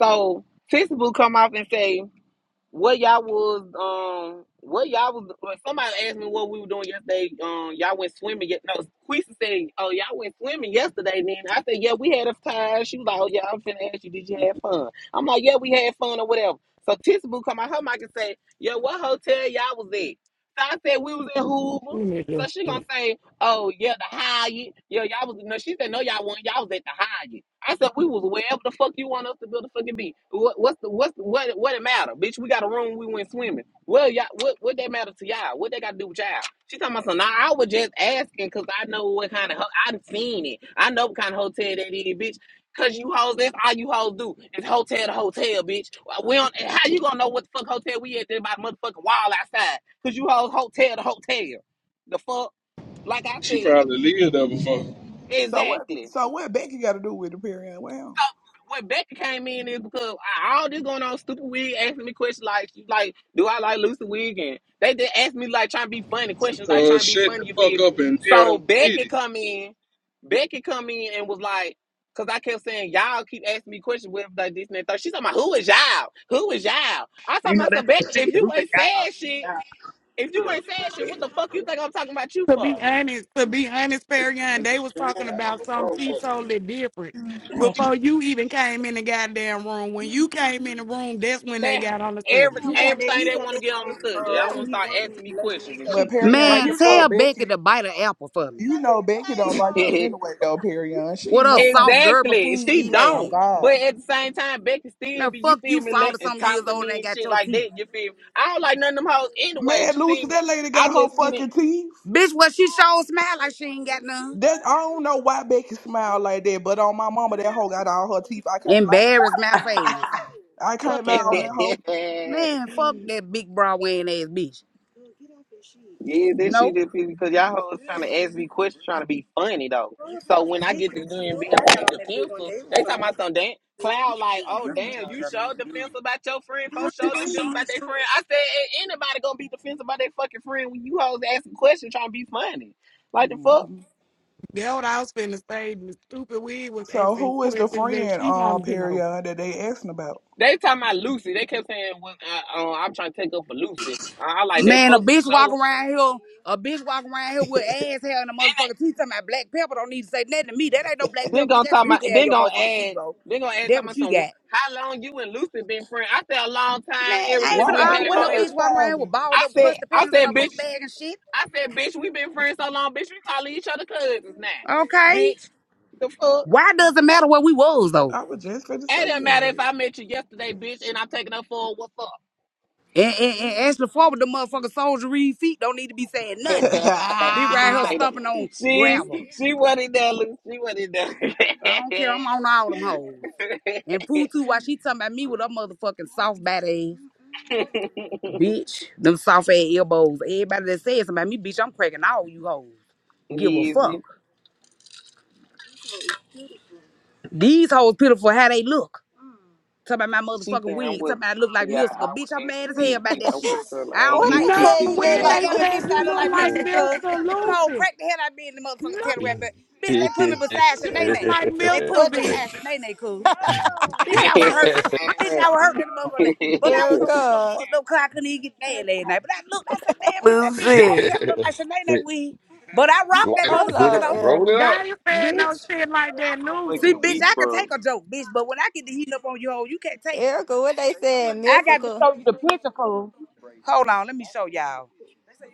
A: So, Tissa Boo come off and say, what y'all was um what y'all was well, somebody asked me what we were doing yesterday. Um y'all went swimming yet no Quisa said, Oh, y'all went swimming yesterday then. I said, Yeah, we had a time. She was like, Oh yeah, I'm finna ask you, did you have fun? I'm like, Yeah, we had fun or whatever. So Tissa Boo come out her mic and say, Yeah, what hotel y'all was at? So I said we was in Hoover.
B: Let me
A: So
B: just
A: she gonna say, Oh yeah, the Hyatt. Yeah, y'all was no. She said no, y'all were Y'all was at the Hyatt. I said we was wherever the fuck you want us to build a fucking be. What, what's the what's the, what what it matter, bitch? We got a room. We went swimming. Well, y'all, what what that matter to y'all? What they got to do with y'all? She talking about some. now. I was just asking because I know what kind of ho- I've seen it. I know what kind of hotel that is, bitch. Cause you hoes, that's all you hoes do is hotel to hotel, bitch. Well, We don't. How you gonna know what the fuck hotel we at? There by the motherfucking wall outside. Cause you hoes hotel to hotel. The fuck. Like I
H: She
A: said,
H: probably lived there before.
G: So what,
A: exactly.
G: so what Becky got to do with the Perion?
A: So
G: Well,
A: when Becky came in is because I- all this going on, stupid wig asking me questions like she's like, do I like Lucy Wig? And they did ask me like trying to be funny questions, like
H: So
A: trying to be
H: shut the
A: funny. You
H: fuck
A: feel me?
H: up and tear
A: So
H: them
A: Becky
H: city.
A: come in, Becky come in and was like. Cause I kept saying y'all keep asking me questions with like this and that. Third. She's talking about who is y'all? Who is y'all? I told
C: You know
A: myself,
C: that's the
A: Becky, if
C: shit.
A: you
C: Who the
A: ain't
C: y'all?
A: saying shit, if you ain't saying shit, what the fuck you think I'm talking about you
B: To
A: for?
B: be honest, to be honest, Perion, they was talking about something she totally different
C: Who the
B: before you even came in the goddamn room. When you came in the room, that's when they
A: They
B: got on the subject.
A: every
F: Yeah, that
A: everything
F: he
A: they
F: got
A: want to
F: that
A: get on the
F: from
A: subject.
F: uh,
A: Y'all
F: who
A: want to
F: he
A: start
F: worked with,
A: asking me
F: Loving
A: questions and
G: but
A: shit.
G: Perion,
A: Like
F: Man,
A: the
G: you know
A: fuck?
F: tell Becky
G: Becky.
F: to bite an apple for me.
G: You know Becky don't like you anyway, though, Perion. She
F: What
G: ain't
F: a
G: never like
F: soft gerber
A: exactly.
F: food
A: She
F: eating
G: you. Oh,
A: don't.
F: egg.
G: God.
A: But at the same time, Becky still
F: Now
A: be you
F: fuck you
A: feel me let
F: forty
A: and
F: some years
A: talk to
F: old and
A: me
F: ain't
A: and
F: got
A: shit
F: your
A: like
F: teeth.
A: that. You feel me? I don't like none of them hoes anyway.
G: Man,
A: You
G: Lucy,
A: feel me?
G: that lady
A: I
G: got
A: just
G: her fucking teeth.
F: Bitch, what she sure smile like she ain't got none.
G: That I don't know why Becky smiled like that, but on my mama, that hoe got all her teeth. I can't lie.
F: Embarrassed mouth ass.
G: I
F: Fuck
G: can't lie
F: that
G: on that
F: hoe.
G: hoe.
A: sit
F: Man,
A: in.
F: fuck that big bra wearing ass bitch. Dude, get off that shit.
A: Yeah, that
F: No.
A: shit just pissed because y'all hoes trying to ask me questions, trying to be funny though.
F: Clubhouse,
A: So when
F: I
A: I
F: hate
A: get to
F: that shit.
A: doing being
F: I
A: on
F: got on
A: the
F: that big one day.
A: defensive,
F: It was
A: they
F: so
A: talking about some damn cloud like, oh damn, you showed defensive about your friend, folks showed defensive
F: many.
A: about their friend. I said, "Ain't anybody gonna be defensive about their fucking friend when you hoes asking questions trying to be funny? Like the fuck?
G: hmm
B: That's what I was finna say. The stupid wig was
G: So
B: asking
G: who is the
B: questions that
G: friend
B: she
G: uh
B: wanted to know.
G: period that they asking about?
A: They talking about Lucy. They kept saying, well, uh, uh, I'm trying to take up for Lucy. I, I like they
F: Man, a
A: folks to
F: bitch walk
A: show.
F: around here, a bitch walk around here with ass hair and a motherfucking teeth. Talking about black pepper don't need to say nothing to me. That ain't no black pepper,
A: Then
F: bitch.
A: gonna
F: That
A: talk about
F: Duke hair in
A: then
F: your
A: gonna
F: motherfucking teeth,
A: add
F: bro.
A: then gonna add
F: That
A: talking
F: what
A: about
F: you
A: some
F: got.
A: how long you and Lucy been friends. I said a long time
F: Man,
A: ever
F: I ain't
G: Why
A: since
F: finna
A: we
G: they
A: came
F: argue with no
A: on here.
G: worried
F: bitch walking around here
G: about
F: with
G: it?
F: balled
A: I
F: up
A: said
F: crusty
A: I
F: panties in
A: said
F: her book
A: bitch
F: bag and shit.
A: I said bitch we been friends so long bitch we calling each other cousins now.
F: Okay?
A: Bitch the fuck
F: Why does it matter where we was, though?
G: I was just gonna
A: it
G: say
A: didn't matter if I met you yesterday bitch and I'm taking her for a what's up.
F: And, and, and Ashley Ford with the motherfucking soldiery feet don't need to be saying
A: she
F: nothing. Be right
A: ain't
F: here
G: that.
A: say
F: stomping on
A: that. She's
F: gravel.
A: she wasn't there, Lucy. She wasn't
F: I don't care. I'm on all them hoes. And Pooh too,
A: there.
F: while she talking about me with her motherfucking soft body. ass. Bitch, them soft ass elbows. Everybody that says something about me, bitch, I'm cracking all you hoes. Give a
A: yes,
F: fuck. These hoes pitiful how they look. Talk about my
A: She
F: motherfucking
A: said I
F: wig. Talk
A: wasn't
F: about I look like
A: trolling y'all. I
F: Musical. Bitch,
A: was
F: I'm
A: asking
F: mad as hell
A: serious
F: about
A: questions.
F: that
A: I
F: shit.
A: wasn't trolling.
F: I
A: I ain't
F: don't
I: What
A: hit
I: they
F: like that.
B: No,
A: sixty,
I: say you
A: but
I: look
B: when
F: Man,
A: now
I: like
B: they
F: yeah,
A: I'm
F: that bitch
B: said
I: Lucifer?
F: said
B: you
F: I look
B: look
F: like
B: like
A: on that
F: Musical,
B: Mr.
F: cuz. Them hoes
B: Lucy.
F: crack the hell out of me in the motherfucking
B: No,
F: tail
J: Light
F: But bitch,
J: it,
F: they put me
J: hit
F: beside
B: you look
F: Shanae.
B: like
F: They
B: Mr.
F: put me
I: What they-
F: beside
B: Bitch.
F: Shanae, cuz. Bitch,
B: Yeah,
F: I was hurt. Bitch, I was hurt in the motherfucker. But I was so
A: hoe ass.
F: motherfucking
I: Erica?
F: fucked up because I couldn't even get mad last night. But I looked, I said, damn, bitch, that bitch sure kind
K: Lucy.
F: of look like Shanae that weed. But I rocked that
I: Hold
F: motherfucker,
I: on,
J: it,
F: though.
I: Erica.
J: roll it up.
B: Daddy said no
F: Bitch.
B: shit like that,
A: so
F: See,
B: Lucy.
A: fucking
F: bitch,
A: weak,
F: I can
A: bro.
F: take a joke, bitch. But when I get the heat up on you, hoe, you can't take it.
I: Erica, what they saying?
F: I got to
I: Musical.
F: show you the picture, cuz. Hold on, let me show y'all.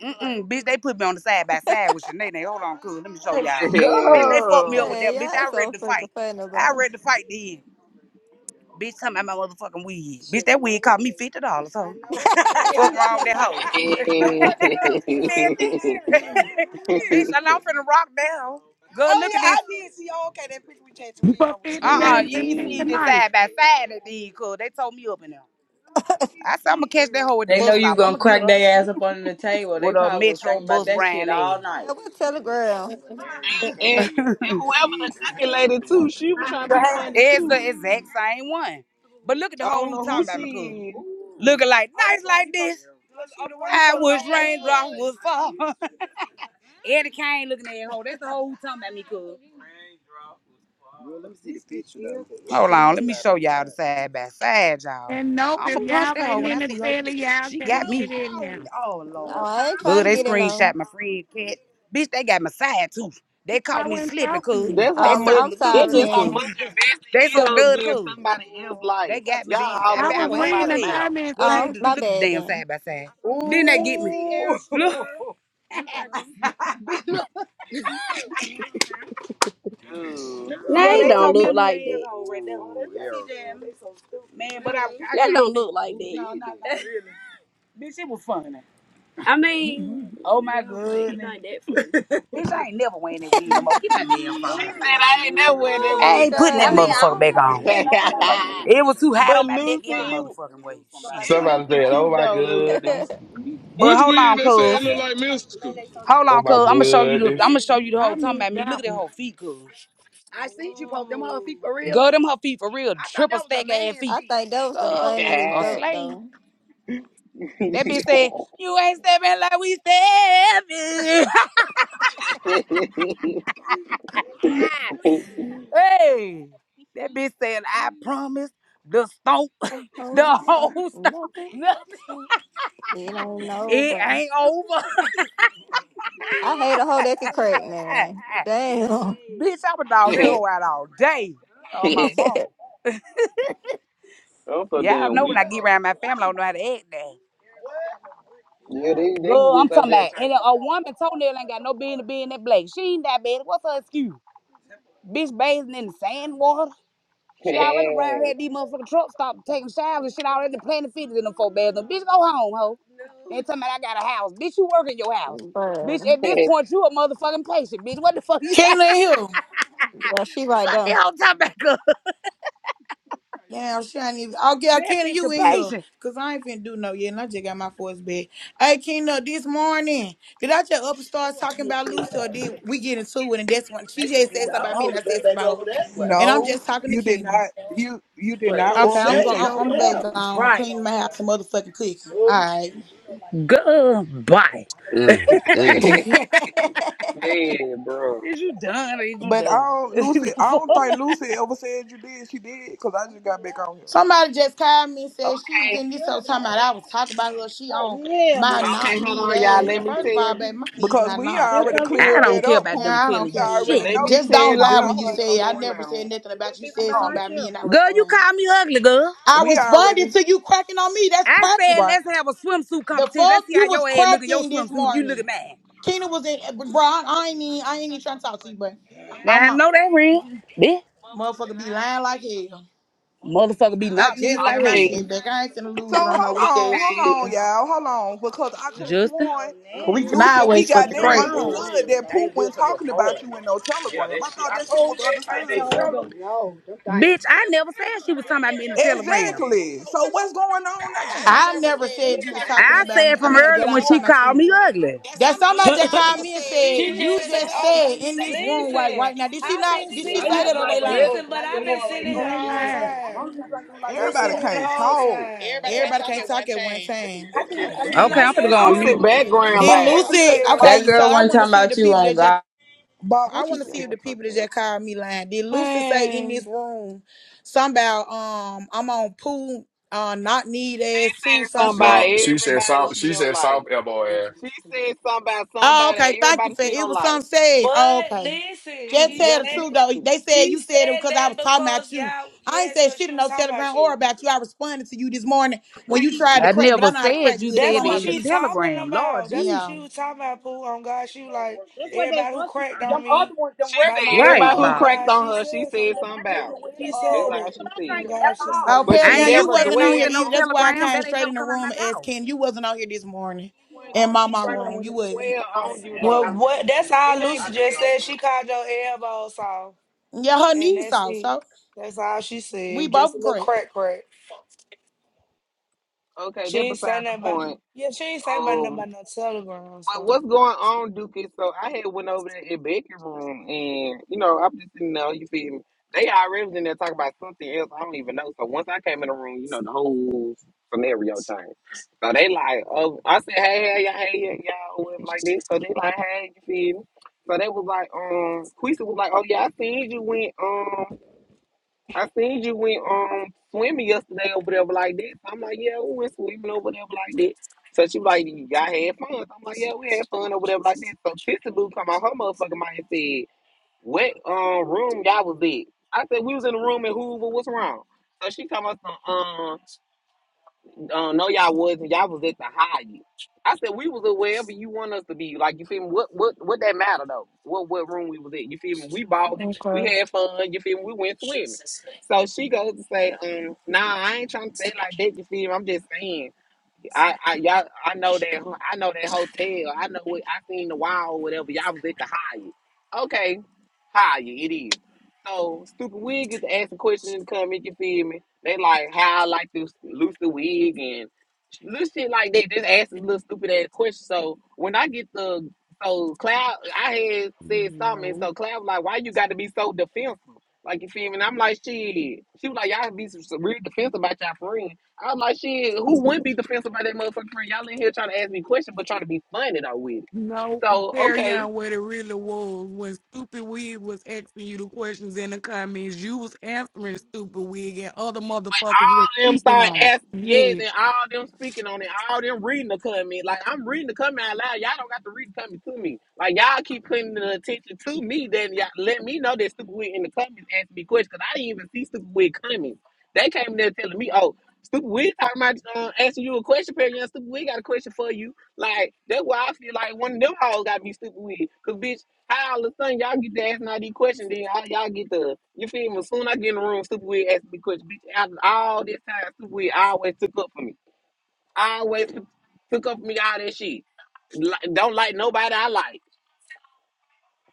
F: Mm-mm, bitch, they put me on the side by side with Shanae. They- Hold on, cuz. Let me show y'all.
C: y'all?
F: Bitch, they fucked me up
C: Go.
F: with
I: Hey,
F: that. Bitch,
I: y'all
F: I ready
I: so
F: to
I: fucking
F: fight.
I: funny,
F: I
I: bro.
F: ready to fight then. Bitch, tell me about my motherfucking wig. Bitch, that wig cost me fifty dollars. Huh? Fuck wrong with that hoe. Man,
I: Oh,
F: Bitch, I know I'm
I: shit.
F: finna rock down. Go oh, look yeah, at this. I did see. Oh, okay, that picture we changed the wig
B: For
F: on with you.
B: 50
F: Uh
A: Good,
F: uh
B: days
F: you
B: and
F: ain't
B: 50
F: seen
A: yeah.
F: this
B: nights.
F: side by side that did, cuz they told me up in there. I said, I'm gonna catch that hoe at the
L: They
F: bus
L: know you
F: stop. I'm
L: gonna
F: gonna get
L: crack
F: her
L: their ass up under the table.
F: with
L: They
F: a
L: probably was
F: metro
L: thinking about
F: bus
L: that shit
F: ran
L: all
F: ass.
I: Man,
L: night.
I: what telegram?
A: And, and and whoever the cooking lady too, she was trying to be funny
F: It's the
A: too.
F: exact same one. But look at the
A: I
F: hoe
A: don't
F: who
A: know
F: talking
A: who
F: about me, cuz.
A: she is.
F: Looking like nice like this. I wish raindrops would fall. Eddie Kane looking at hoe. That's the hoe who talking about me, cuz. Hold on, let me show y'all the side by side, y'all.
B: And nope, if
F: I'ma punch
B: y'all
F: that hoe
B: ain't
F: when
B: in
F: I
B: the
F: see her.
B: telly, y'all
F: She got
B: can't
F: me.
B: get in now.
F: Oh
I: Oh,
F: Lord.
I: I ain't trying
F: Good,
I: to
F: they
I: get in on.
F: screenshot my friend cat. Bitch, they got my side too. They caught
B: I
F: me
B: went
F: slipping,
B: talking to
F: cuz.
B: me.
A: That's how
F: They
I: Um,
A: much.
I: I'm
F: circumvented me
A: That's
I: sorry
F: too,
A: just how
F: cuz.
I: then.
A: much invested
F: They
A: these
F: so
A: hoes
F: dud
A: be in
F: cool.
A: somebody else's
F: They
A: life.
F: got me then.
A: Y'all
F: found
A: all
B: I
A: up
F: bet I
B: was
A: in
F: was happy
B: reading
F: as
A: somebody's
B: the
F: hell.
A: mouth.
B: comment
F: Go look
I: Um,
F: at the
B: section.
I: my
F: look at the
I: bad
F: damn
I: then.
F: side by side. Then they get me. Look,
A: Ooh.
F: Now it they don't look like that. right Oh, so Man, but I I That don't look like that. No, like Bitch, it was funny. I mean, Oh my it goodness. Bitch, I ain't never wearing that weed no more. Get my damn
A: She said
F: phone.
A: I ain't never wearing that
F: I
I: Oh
A: wig
F: ain't
A: no
F: putting that
A: more.
I: god.
F: motherfucker back on. It was too hot
A: but
F: on my neck any
A: Lucy, it,
F: motherfucking way. Shit.
A: it
J: Somebody
A: looked
J: said, "Oh
A: cute
J: my
A: though, Lucy.
J: goodness,
I: I
F: But
H: Which
F: hold
H: wig
F: on,
H: they say
F: cuz.
H: it look like mystical?
F: Hold
J: oh
F: on,
J: my
F: cuz. I'ma show you the
J: goodness."
F: I'ma show you the
B: I
F: whole talking
B: missed
F: about me. Look at
B: that
F: that
B: one.
F: whole feet, cuz. I seen you post them whole feet for real. Girl, them her feet for real. I thought Triple that was a stack a ass man's feet. feet.
I: think that was the
F: Girl,
I: funniest
F: a
I: joke
F: slave.
I: though.
F: That bitch said, you ain't stepping like we stepping. hey. That bitch said, I promise the stomp,
I: The
F: the
I: whole stump,
F: whole stomp.
I: nothing but stump. You don't know,
F: It
I: but
F: ain't over.
I: I hate a hoe that can crack, man. Damn.
F: bitch, I was dog that hoe out all day. Oh my mama.
A: I'm so
F: Yeah, I
A: damn
F: know when
A: weak.
F: I get around my family, I don't know how to act that.
A: Yeah, they they
F: Girl,
A: was
F: I'm
A: just
F: talking
A: over there
F: about and a woman toenail ain't got no business being that black. She ain't diabetic. What's her excuse? Bitch bathing in the sand water. She already around here at these motherfucking truck stop taking showers and shit already planted fitted in them four bedroom. Bitch, go home, ho. And talking about I got a house. Bitch, you work in your house. Bitch,
I: Bruh.
F: at this point, you a motherfucking patient, bitch. What the fuck you
M: Kayla in here.
I: Yeah, she right
F: Fuck
I: there.
F: this whole time back up.
M: Damn, she ain't even. Okay,
F: That
M: Kayla,
F: bitch
M: you
F: a
M: in here.
F: patient.
M: Because I ain't finna do no yet, and I just got my force back. Hey, Kayla, this morning, did I just up and start talking about Lucy, or did we get into it? And that's when she just said something about
F: I
M: me, and I
F: would
M: said
F: have been
M: something
F: back
M: about her.
F: over that way.
M: And I'm
G: no,
M: just talking to
G: you did
M: Kayla.
G: not. You you did
F: for
G: not
F: the
M: Okay,
G: up
M: I'm
G: and
M: going.
F: shade
G: say
M: I'm
G: shit
F: over
M: I'm
G: about
F: there.
M: back
G: Lucy.
M: gone,
F: Right.
M: cleaning my house and motherfucking cooking. All right.
F: Goodbye.
J: Mm, mm.
A: trying. Man, bro.
F: Is you done? or Is you
G: But I
I: oh,
F: done?
G: don't,
F: Is
I: shit.
F: it
G: Lucy.
F: the
G: I
F: fuck?
G: don't think Lucy ever said you did. She did because I just got back on here
M: Somebody just called me and said she was
A: Okay,
M: in this whole time about I was talking about her. She
F: Oh,
M: on
F: yeah, no.
M: my knock
A: okay, hold
M: need
A: on, y'all.
M: ass.
A: Let
M: And
A: me
M: first of all,
A: tell.
M: baby, my knees
G: because
M: not
G: we
M: knock.
F: Here
G: already
F: comes this I
G: cleared
F: don't
G: that
F: care
G: up.
F: about them
G: Pooh.
M: Yeah, I don't
F: telling
G: We
F: you
M: care either.
G: already
F: shit.
A: Let
G: know
A: me
M: Just
G: you went
M: don't
A: tell
G: talking
M: lie when
G: about
M: you
A: Dookie
G: her.
A: what's
G: No,
M: say I
A: going
M: never
A: on.
M: said nothing about you. You
F: People
G: come
M: Said
F: by
G: on,
F: my
M: something about me,
F: children.
M: and I
F: Girl, you
M: responded.
F: call me ugly, girl.
G: y'all.
M: I
G: We
M: responded
G: already
M: to you cracking on me. That's
F: I said
M: cracking.
G: right.
F: let's have a swimsuit
M: The
F: competition. Let's
M: fuck
F: see how
M: you was
F: your ass look at your
M: cracking this
F: swimsuit. and You look at
M: morning.
F: mine.
M: Tina was in, but bro. I, I ain't even, I ain't even trying to talk to you, but
F: Now
M: I'm
F: I
M: on.
F: know that real. Yeah.
M: Motherfucker be lying like hell.
F: Motherfucker be
M: I
F: knocking you
M: just got
F: like
M: my
A: Okay,
F: hell.
M: shit back. I ain't finna
G: So
M: lose it on no
G: hold
M: weak
G: on,
M: ass
G: hold
M: shit.
G: on,
A: hey,
G: y'all, hold on, because I could have
F: Justin. Oh,
G: sworn,
M: 'Cause we can
G: Lucy, we
M: always fuck
G: got
M: the
G: that
M: crap.
G: understood that Pooh
F: good
G: wasn't
F: for your
G: talking about
F: heart.
G: you in no telegram. I thought that shit was understood.
F: Bitch, I never said she was talking about me in the telegram.
G: Exactly. So what's going on now?
M: I never said you was talking
F: I
M: about me.
F: said
M: I
F: from
M: mean that
F: earlier
M: I
F: when
M: was
F: she
M: talking about
F: called
M: you.
F: me ugly.
M: That somebody just called me and said,
N: she
M: You
N: just said,
M: just
N: "Oh God,
M: said in this room right
N: listen,
M: right now. Did she
N: I've
M: not
N: been
M: did she
N: sitting.
M: say
N: I
M: that or
F: like
M: they lying?
F: really.
N: listen, but I've been sitting here the
B: They
N: whole
B: lied.
N: time.
F: like
N: I've been
G: Everybody
N: sitting here the
G: can't
N: whole
G: talk.
N: time.
M: Everybody can't talk at one time.
N: I can,
G: God
N: I can
F: Okay,
N: I
G: damn.
F: I'm finna
N: say
F: go on
A: Lucy
N: so?
F: mute.
A: background
M: Did
G: Bob,
A: loud.
G: what you
M: Lucy
G: said,
L: That
G: Bob?
M: okay, so
L: girl
M: I
L: wasn't
M: wanna
L: talking
M: see if
L: about
M: the
L: you
M: people
L: on
M: that just
L: God.
G: Bob,
M: I
G: what you
A: Cause
M: wanna see
G: said?
M: if
A: y'all
M: the people that
A: talking loud.
M: just called me lying. Did Lucy say in this
N: Man,
M: room something about um I'm on pool uh not need
A: She
M: ass
A: said
M: too some
A: something
M: shit.
A: about
J: No, she said
A: everybody
J: soft.
A: she
J: She
A: don't
J: said soft
A: like.
J: elbow ass.
A: She said something about
M: Oh,
A: somebody,
M: okay. Thank you
A: everybody
M: for
A: she
M: it.
A: don't
M: was
A: like.
M: something said. Oh,
N: but
M: okay.
N: listen,
A: It,
M: Just
N: she
M: tell
A: yeah,
M: the
N: said."
A: she
M: truth though.
A: said.
M: They said
N: She
M: you said it
N: said
M: because I
N: that
M: was talking about
N: because
M: you.
N: y'all,
M: I ain't
N: yes,
M: said
N: because
M: shit
N: she
M: in
N: was
M: no
N: talking about
M: telegram or
N: you.
M: about you. I responded to you this morning when you tried to
F: I
M: crack, but I
F: never
M: know how to
F: said
M: crack
F: you
M: good too.
N: That's
F: said it
M: I'm
N: what
M: out
F: in the
M: the
N: she
M: east.
N: talking
F: telegram. Lord
N: about. That's what
F: Jesus.
M: Yeah.
N: she was talking about, Pooh. On God, she was like,
F: That's what they
N: everybody who
F: want
N: cracked
F: Them
N: on
F: other
N: me
F: ones, them
A: She
N: by
F: regular
N: my
A: said
N: hair,
F: Right,
A: everybody who
N: on
F: Bob.
A: cracked
N: God,
A: on
N: she
A: her, she
N: said something.
A: said something about.
N: She
F: uh,
A: That's
N: said
A: how
N: it.
A: she
N: Oh
A: said.
N: God, she said.
M: Oh,
N: it.
A: But
M: Perry,
F: I
A: she
F: ain't
M: you
F: never
A: never
F: said
M: wasn't on
A: dwell
F: poos
M: here
F: in no
M: either.
A: on
M: That's why
A: you.
M: I
F: telegram.
M: came
F: That ain't
M: straight
F: never
M: in the
F: come out my
M: room and asked
F: mouth.
M: Ken. You wasn't on here this morning
A: She
F: I
A: wouldn't
M: in my my room. You
A: she didn't
M: wasn't.
A: dwell
F: Uh,
A: on you
N: Well,
A: though.
N: what? That's all
A: It ain't
N: Lucy just said. She called your elbows off,
M: Yeah, her
N: and
M: knees
N: that's
M: off,
N: it.
M: so
N: That's all she
M: we
N: said. Just a
M: both
N: little
M: cracked.
N: crack, crack.
A: okay,
N: She
A: that
N: ain't say
A: besides the
N: nothing about.
A: point.
N: Yeah, she ain't say about nothing
A: Um
N: about no telegram
A: But
N: so.
A: what's going on, Duke? is So I had went over there in Becky room, and you know I'm just sitting there. You feel me? They already was in there talking about something else. I don't even know. So once I came in the room, you know the whole scenario changed. So they like, oh, I said, hey, hey, y'all, hey, y'all, y'all," whatever like this. So they like, hey, you feel me? So they was like, um, Quisa was like, oh yeah, I seen you went, um. I seen you went um swimming yesterday or whatever like that. So I'm like, yeah, we went swimming or whatever like that. So she like, y'all had fun. So I'm like, yeah, we had fun or whatever like that. So Tissa Boo come out her motherfucking mind and said, what um room y'all was in? I said we was in the room in Hoover. What's wrong? So she come out some um uh, no, y'all wasn't. Y'all was at the Hyatt. I said we was at wherever you want us to be. Like you feel me? What what what that matter though? What what room we was at? You feel me? We balled it. We
N: Okay.
A: had fun. You feel me? We went swimming. So she goes to say, um, nah, I ain't trying to say like that. You feel me? I'm just saying. I, I y'all, I know that ho- I know that hotel. I know what I seen the wall, whatever. Y'all was at the Hyatt. Okay, Hyatt it is. So stupid wig get to ask a question in the comment. You feel me? They like how I like to this the wig and little shit like that. Just ask this little stupid ass question. So when I get the so Cloud, I had said something. and
B: No.
A: So Cloud was like, why you got to be so defensive? Like you feel me? And I'm like, shit. She was like, y'all be some some real defensive about y'all friends. I'm like, shit, who wouldn't be defensive by that motherfucking friend? Y'all in here trying to ask me questions, but trying to be funny though with it.
B: No,
A: So,
B: carry
A: okay.
B: on what it really was. When Stupid Wig was asking you the questions in the comments, you was answering Stupid Wig and other motherfuckers was
A: All them
B: speaking
A: start
B: on it.
A: asking, yes,
B: Yes.
A: and all them speaking on it, all them reading the comment. Like, I'm reading the comment out loud. Y'all don't got to read the comment to me. Like, y'all keep putting the attention to me, then y'all let me know that Stupid Wig in the comments asking me questions, because I didn't even see Stupid Wig comments. They came in there telling me, oh, Stupid Wig talking about uh, asking you a question, Perry. Young Stupid Wig got a question for you. Like that's why I feel like one of them hoes got to be stupid with. Cause bitch, How all of a sudden y'all get to asking all these questions, then y'all, y'all get to you feel me? As soon as I get in the room, Super Weird asked me questions. Bitch, after all this time, Super Weird always took up for me. Always took up for me all that shit. Like, don't like nobody I like.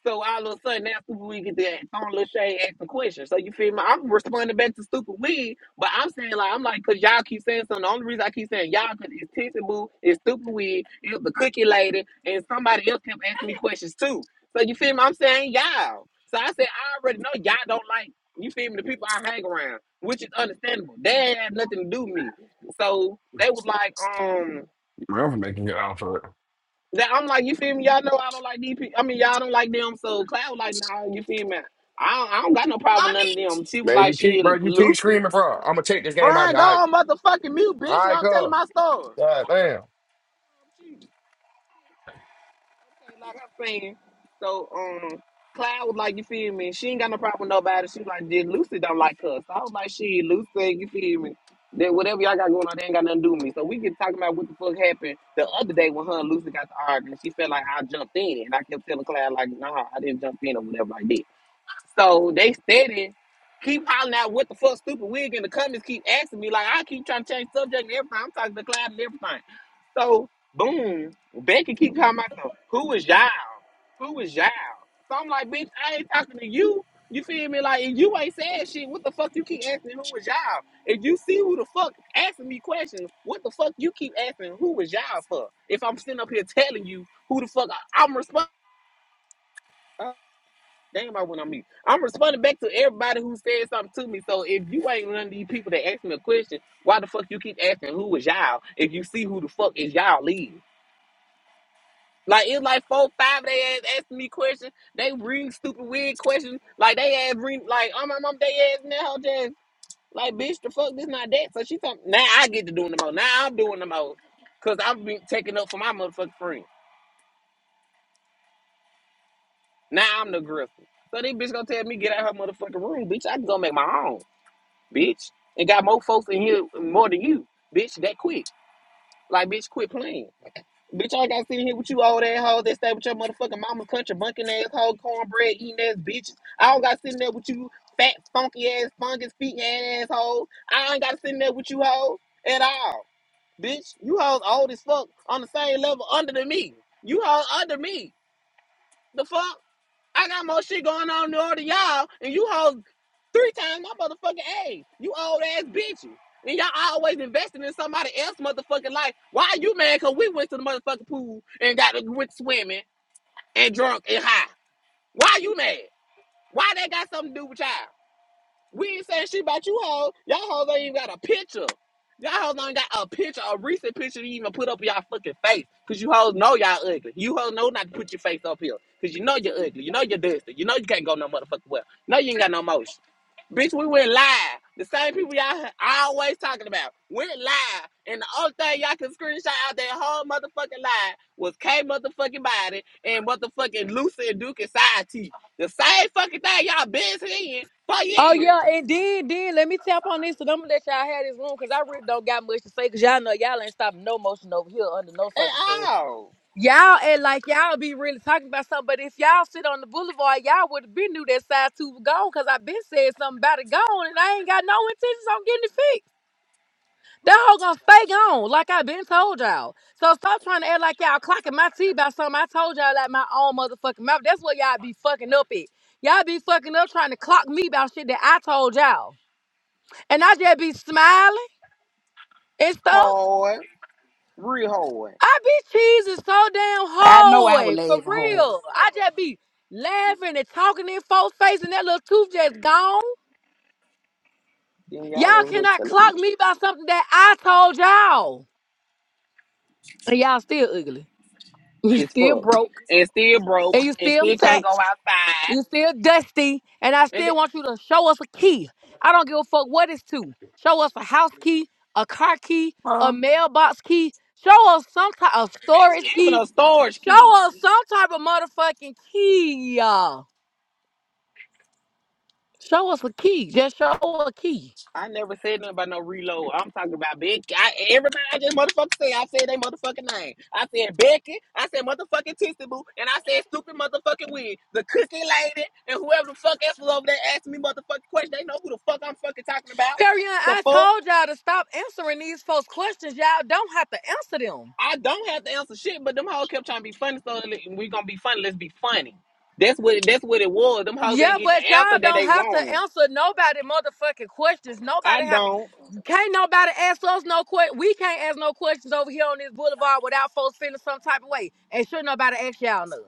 A: So all of a sudden now Stupid Wig get that on little shade asking questions. So you feel me? I'm responding back to Stupid Wig, but I'm saying like I'm like because y'all keep saying something. The only reason I keep saying y'all because it's Tissy Boo, it's Stupid Wig, it's the Cookie Lady, and somebody else kept asking me questions too. So you feel me? I'm saying y'all. So I said I already know y'all don't like you feel me the people I hang around, which is understandable. They ain't have nothing to do with me. So they was like um.
J: Man, I'm making it out for it.
A: That I'm like, you feel me? Y'all know I don't like DP. I mean, y'all don't like them. So Cloud was like, nah, you feel me? I don't, I don't got no problem with none of them. She was
J: Man, you
A: like, she
J: keep, bro. You keep
A: Lucy.
J: screaming, bro. I'm gonna take this game out. Here.
A: Brian, go
J: All right,
A: on motherfucking mute,
J: all
A: bitch.
J: right,
A: While I'm telling
J: cuz.
A: my story.
J: God damn.
A: Okay, like I'm saying, so um, Cloud was like, you feel me? She ain't got no problem with nobody. She was like, did Lucy don't like us? So I was like, she Lucy, you feel me? That whatever y'all got going on, they ain't got nothing to do with me. So we get talking about what the fuck happened the other day when her and Lucy got to arguing. She felt like I jumped in, and I kept telling Cloud like, nah, I didn't jump in or whatever like that. So they steady keep hollering out what the fuck stupid wig in the comments keep asking me. Like I keep trying to change subject and everything. I'm talking to Clyde and everything. So boom, Becky keep calling myself, who is y'all? Who is y'all? So I'm like, bitch, I ain't talking to you. You feel me? Like if you ain't saying shit, what the fuck you keep asking who is y'all? If you see who the fuck asking me questions, what the fuck you keep asking who is y'all for? If I'm sitting up here telling you who the fuck I, I'm responsible. Damn, I went on mute. I'm responding back to everybody who said something to me. So if you ain't none of these people that ask me a question, why the fuck you keep asking who is y'all if you see who the fuck is y'all leave. Like it's like four, five they ass asking me questions. They bring stupid weird questions. Like they ask, bring like oh my mom they asking that whole just like bitch the fuck this not that. So she talking now I get to doing the most. Now I'm doing the most. Cause I'm being taking up for my motherfucking friends. Now I'm the aggressor. So this bitch gonna tell me get out her motherfucking room, bitch. I can go make my own. bitch, and got more folks in here more than you, bitch. That quick, like, bitch, quit playing, bitch. I got sitting here with you old ass hoes that stay with your motherfucking mama's country bunking ass hoe, cornbread eating ass bitches. I don't got sitting there with you fat funky ass fungus feet ass hoes. I ain't got sitting there with you hoes at all, bitch. You hoes old as fuck on the same level under than me. You hoes under me. The fuck? I got more shit going on than all of y'all, and you hold three times my motherfucking age. You old ass bitches. And y'all always investing in somebody else motherfucking life. Why are you mad? Cause we went to the motherfucking pool and got went swimming and drunk and high. Why you mad? Why that got something to do with y'all? We ain't saying shit about you hoes. Y'all hoes ain't even got a picture. Y'all hoes don't got a picture, a recent picture to even put up y'all fucking face. Cause you hoes know y'all ugly. You hoes know not to put your face up here. Cause you know you're ugly. You know you're dusty. You know you can't go no motherfucking well. No, you ain't got no motion. Bitch, we went live. The same people y'all always talking about went live. And the only thing y'all can screenshot out that whole motherfucking lie was K motherfucking body and motherfucking Lucy and Duke and Side T. The same fucking thing y'all been seeing for
O: Oh yeah,
A: years.
O: it did, did. Let me tap on this, and I'm gonna let y'all have this room because I really don't got much to say. Cause y'all know y'all ain't stopping no motion over here under no
A: And
O: circumstances.
A: all
O: Y'all act like y'all be really talking about something, but if y'all sit on the boulevard, y'all would have been knew that size two was gone. Cause I been said something about it gone, and I ain't got no intentions on getting it fixed. That hoe gonna stay gone, like I been told y'all. So stop trying to act like y'all clocking my tea about something I told y'all like my own motherfucking mouth. That's what y'all be fucking up at. Y'all be fucking up trying to clock me about shit that I told y'all and I just be smiling and stuff.
A: hard, real hard.
O: I be cheesing so damn
F: I know I was
O: hard, for
F: laughing hard.
O: real. I just be laughing and talking in folks' face, and that little tooth just gone.
A: Then y'all
O: Y'all
A: over there
O: cannot
A: telling me
O: clock
A: to shut
O: me by
A: up.
O: something that I told y'all, and y'all still ugly. You
A: It's
O: still
A: fucked.
O: broke,
A: And still broke.
O: and you
A: And
O: still
A: still can't
O: fat,
A: go outside.
O: You still dusty, and I
A: And the,
O: still want you to show us a key. I don't give a fuck what it's to. Show us a house key, a car key, a
N: Uh,
O: mailbox key. Show us some type of storage
A: even
O: key.
A: a storage key.
O: Show us some type of motherfucking key, y'all. Show us a key. Just show a key.
A: I never said nothing about no reload. I'm talking about Becky. I, everybody I just motherfucking say, I said they motherfucking name. I said Becky. I said motherfucking Tissy Boo. And I said stupid motherfucking wig. The cookie lady and whoever the fuck else was over there asking me motherfucking questions. They know who the fuck I'm fucking talking about.
O: Carry on.
A: The
O: I
A: fuck?
O: told y'all to stop answering these folks' questions. Y'all don't have to answer them.
A: I don't have to answer shit, but them hoes kept trying to be funny, so li- we gonna be funny. Let's be funny. That's what that's what it was. Them hoes
O: Yeah,
A: ain't get the
O: but y'all
A: answer that
O: don't
A: they
O: have to
A: wanted.
O: answer nobody motherfucking questions.
A: I
O: Nobody have
A: don't
O: Can't nobody ask us no questions. We can't ask no questions over here on this boulevard without folks feeling some type of way. And sure nobody ask y'all none.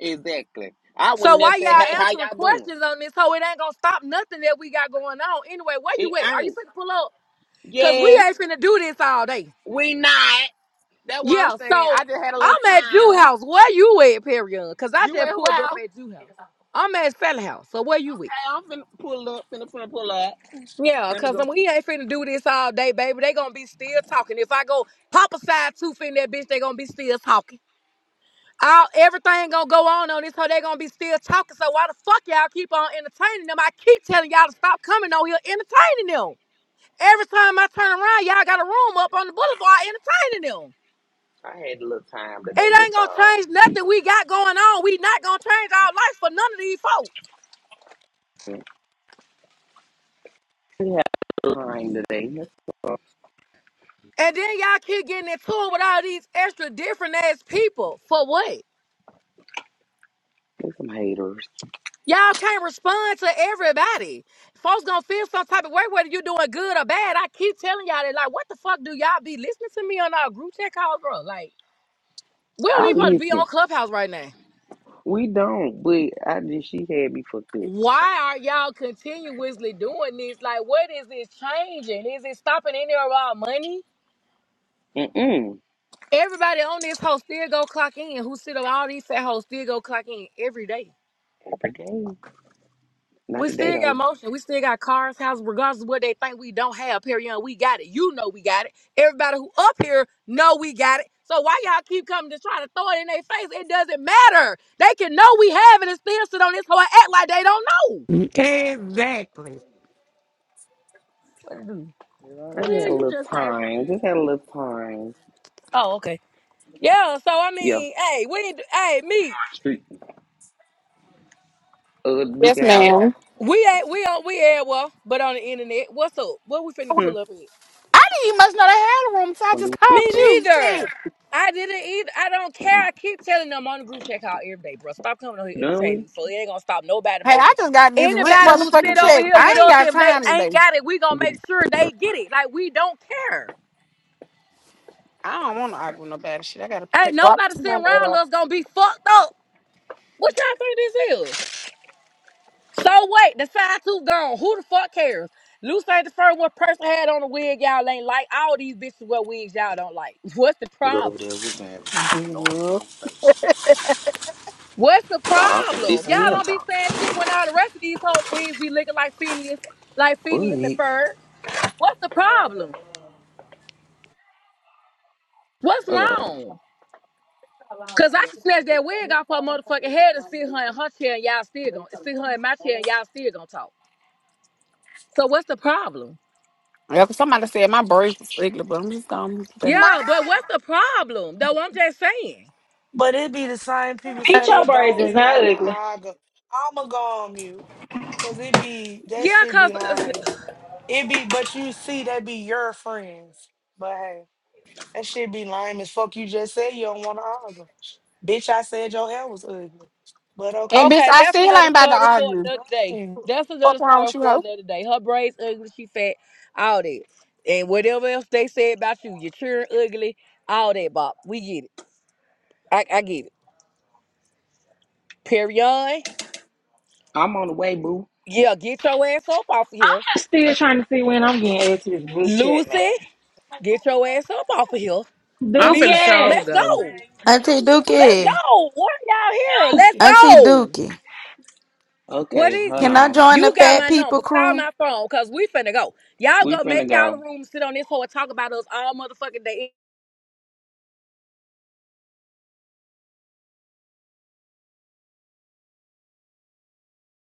A: exactly. I
O: So
A: wouldn't
O: why
A: necessarily say, hey,
O: y'all
A: how
O: answering
A: y'all doing?
O: questions on this hoe? It ain't gonna stop nothing that we got going on. Anyway, where
A: It
O: you at? Are
A: ain't.
O: you finna pull up? Cause we
A: Yes,
O: ain't finna do this all day.
A: we not. That's what I'm
O: Yeah,
A: saying. I
O: so
A: just had a little
O: I'm at Jew
A: time.
O: house. Where you at, Perion? Cause I
A: You at
O: just
A: who
O: pulled up
A: else?
O: at Jew house. I'm at Fella house. So where you at?
A: Hey, I'm finna pull up, finna finna pull up.
O: Yeah,
A: Let me
O: cause
A: go.
O: I'm, we ain't finna do this all day, baby. They gonna be still talking. If I go pop a side tooth in that bitch, they gonna be still talking. All everything gonna go on on this hoe. They gonna be still talking. So why the fuck y'all keep on entertaining them? I keep telling y'all to stop coming on here entertaining them. Every time I turn around, y'all got a room up on the boulevard entertaining them.
A: I had a little time
O: It
A: today.
O: ain't
A: That's
O: gonna
A: all.
O: change nothing we got going on. We not gonna change our life for none of these folks.
A: We had a little time today. That's all.
O: And then y'all keep getting into it with all these extra different ass people for what?
A: There's some haters.
O: Y'all can't respond to everybody. Folks gonna feel some type of way whether you doing good or bad. I keep telling y'all that, like, what the fuck do y'all be listening to me on our group chat calls, bro? Like, we don't
A: I
O: even want to be
A: listen.
O: on Clubhouse right now.
A: We don't, but I just she had me fucked up.
O: Why are y'all continuously doing this? Like, what is this changing? Is it stopping any of our money?
A: Mm-mm.
O: Everybody on this host still go clock in. Who sit on all these fat hoes still go clock in every day.
A: Not Today, not
O: We
A: today
O: still got
A: though.
O: motion. We still got cars, houses, regardless of what they think we don't have. Period. We got it. You know we got it. Everybody who up here know we got it. So why y'all keep coming to try to throw it in their face? It doesn't matter. They can know we have it and still sit on this whole act like they don't know.
B: Exactly.
A: I
O: Where
A: just
O: the
A: had
O: hell
A: a
O: you
A: little
O: just came from?
A: time. Just had a little time.
O: Oh, okay. Yeah. So I
A: Yeah.
O: mean, hey, we ain't. Hey, me.
A: Uh, Duke
P: Yes,
A: House.
P: ma'am.
O: We ain't. We on. We at well, but on the internet. What's up? What we finna
A: Hmm.
O: pull up here?
P: I didn't even much know they had a room, so I
A: Wanna do
P: just
A: what
P: called
O: Me
P: you. Shit.
O: neither. I didn't either. I don't care. I keep telling them on the group chat call every day, bro. Stop coming over here
A: you done with?
O: entertaining. So it ain't gonna stop nobody
P: Hey, I
O: emotion.
P: just got this rent
O: Anybody who
A: I
O: sit
P: motherfucking
O: over
P: check.
O: here with
P: I ain't
O: us,
P: got
O: if
P: time
O: they
P: today.
O: ain't got it, we gonna make sure they get it. Like we don't care.
P: I don't want to argue with nobody. Shit, I gotta
O: Ain't
P: pick drop
O: nobody sitting
P: somebody order.
O: around
P: off.
O: us gonna be fucked up. What y'all think this is? So wait, the side tooth gone. Who the fuck cares? Luce ain't the first one person had on a wig y'all ain't like. All these bitches wear wigs y'all don't like. What's the
A: Go over
O: problem?
A: there with me. No one
P: Good.
A: come face.
O: What's the
A: Thought And
O: problem?
A: this
O: Y'all
A: ain't them
O: don't be
A: talk.
O: saying shit when all the rest of these whole wigs be looking like Phineas, like
A: But
O: Phineas and Ferb. What's the problem? What's
A: okay.
O: wrong? Cause I can snatch that wig off her motherfucking head and sit her in her chair and y'all still gonna sit her in my chair and y'all still gonna talk. So what's the problem?
P: Yeah, 'cause somebody said my braids was ugly, but I'm just gone today. My-
O: Yeah, but what's the problem? Though I'm just saying.
N: but it be the same people say
Q: Meet your
N: they
Q: braids
N: don't
Q: is
N: be
Q: not
N: wanna
Q: ugly. I'm
N: argue. I'ma go on you, cause it be that
O: Yeah,
N: shit be
O: cause uh,
N: lying. It be, but you see, they be your friends. But hey, that shit be lame as fuck. You just said you don't wanna argue. Bitch, I said your hair was ugly. But
P: And
N: okay.
P: bitch,
O: Okay,
P: I
O: that's
P: still
O: another
P: ain't about to
O: story for
P: argue.
O: another day.
N: Right.
O: That's another
P: Fuck wrong
O: story
P: with you, hoe?
O: for another day. Her braids ugly, she fat, all that. And whatever else they say about you, your children ugly, all that, Bob. We get it. I, I get it. Perion,
A: I'm on the way, boo.
O: yeah, get your ass up off of here.
Q: just still trying to see when I'm getting added to this group chat,
O: Lucy,
Q: man.
O: get your ass up off of here.
F: I'm finna
O: Meech,
Q: Dookie,
F: show
O: let's
F: go.
O: go.
K: Auntie
O: Let's
K: Dookie.
O: go. What are y'all here? Let's
Q: Dookie.
K: Auntie
O: go.
K: Dookie.
O: What
A: Okay,
O: is
A: hold
K: Can
O: it?
A: on.
O: You got my number.
K: I?
O: Call my phone because we finna go. Y'all
A: We
O: go make
A: finna
O: y'all a
A: go.
O: room, sit on this hoe and talk about us all motherfucking day.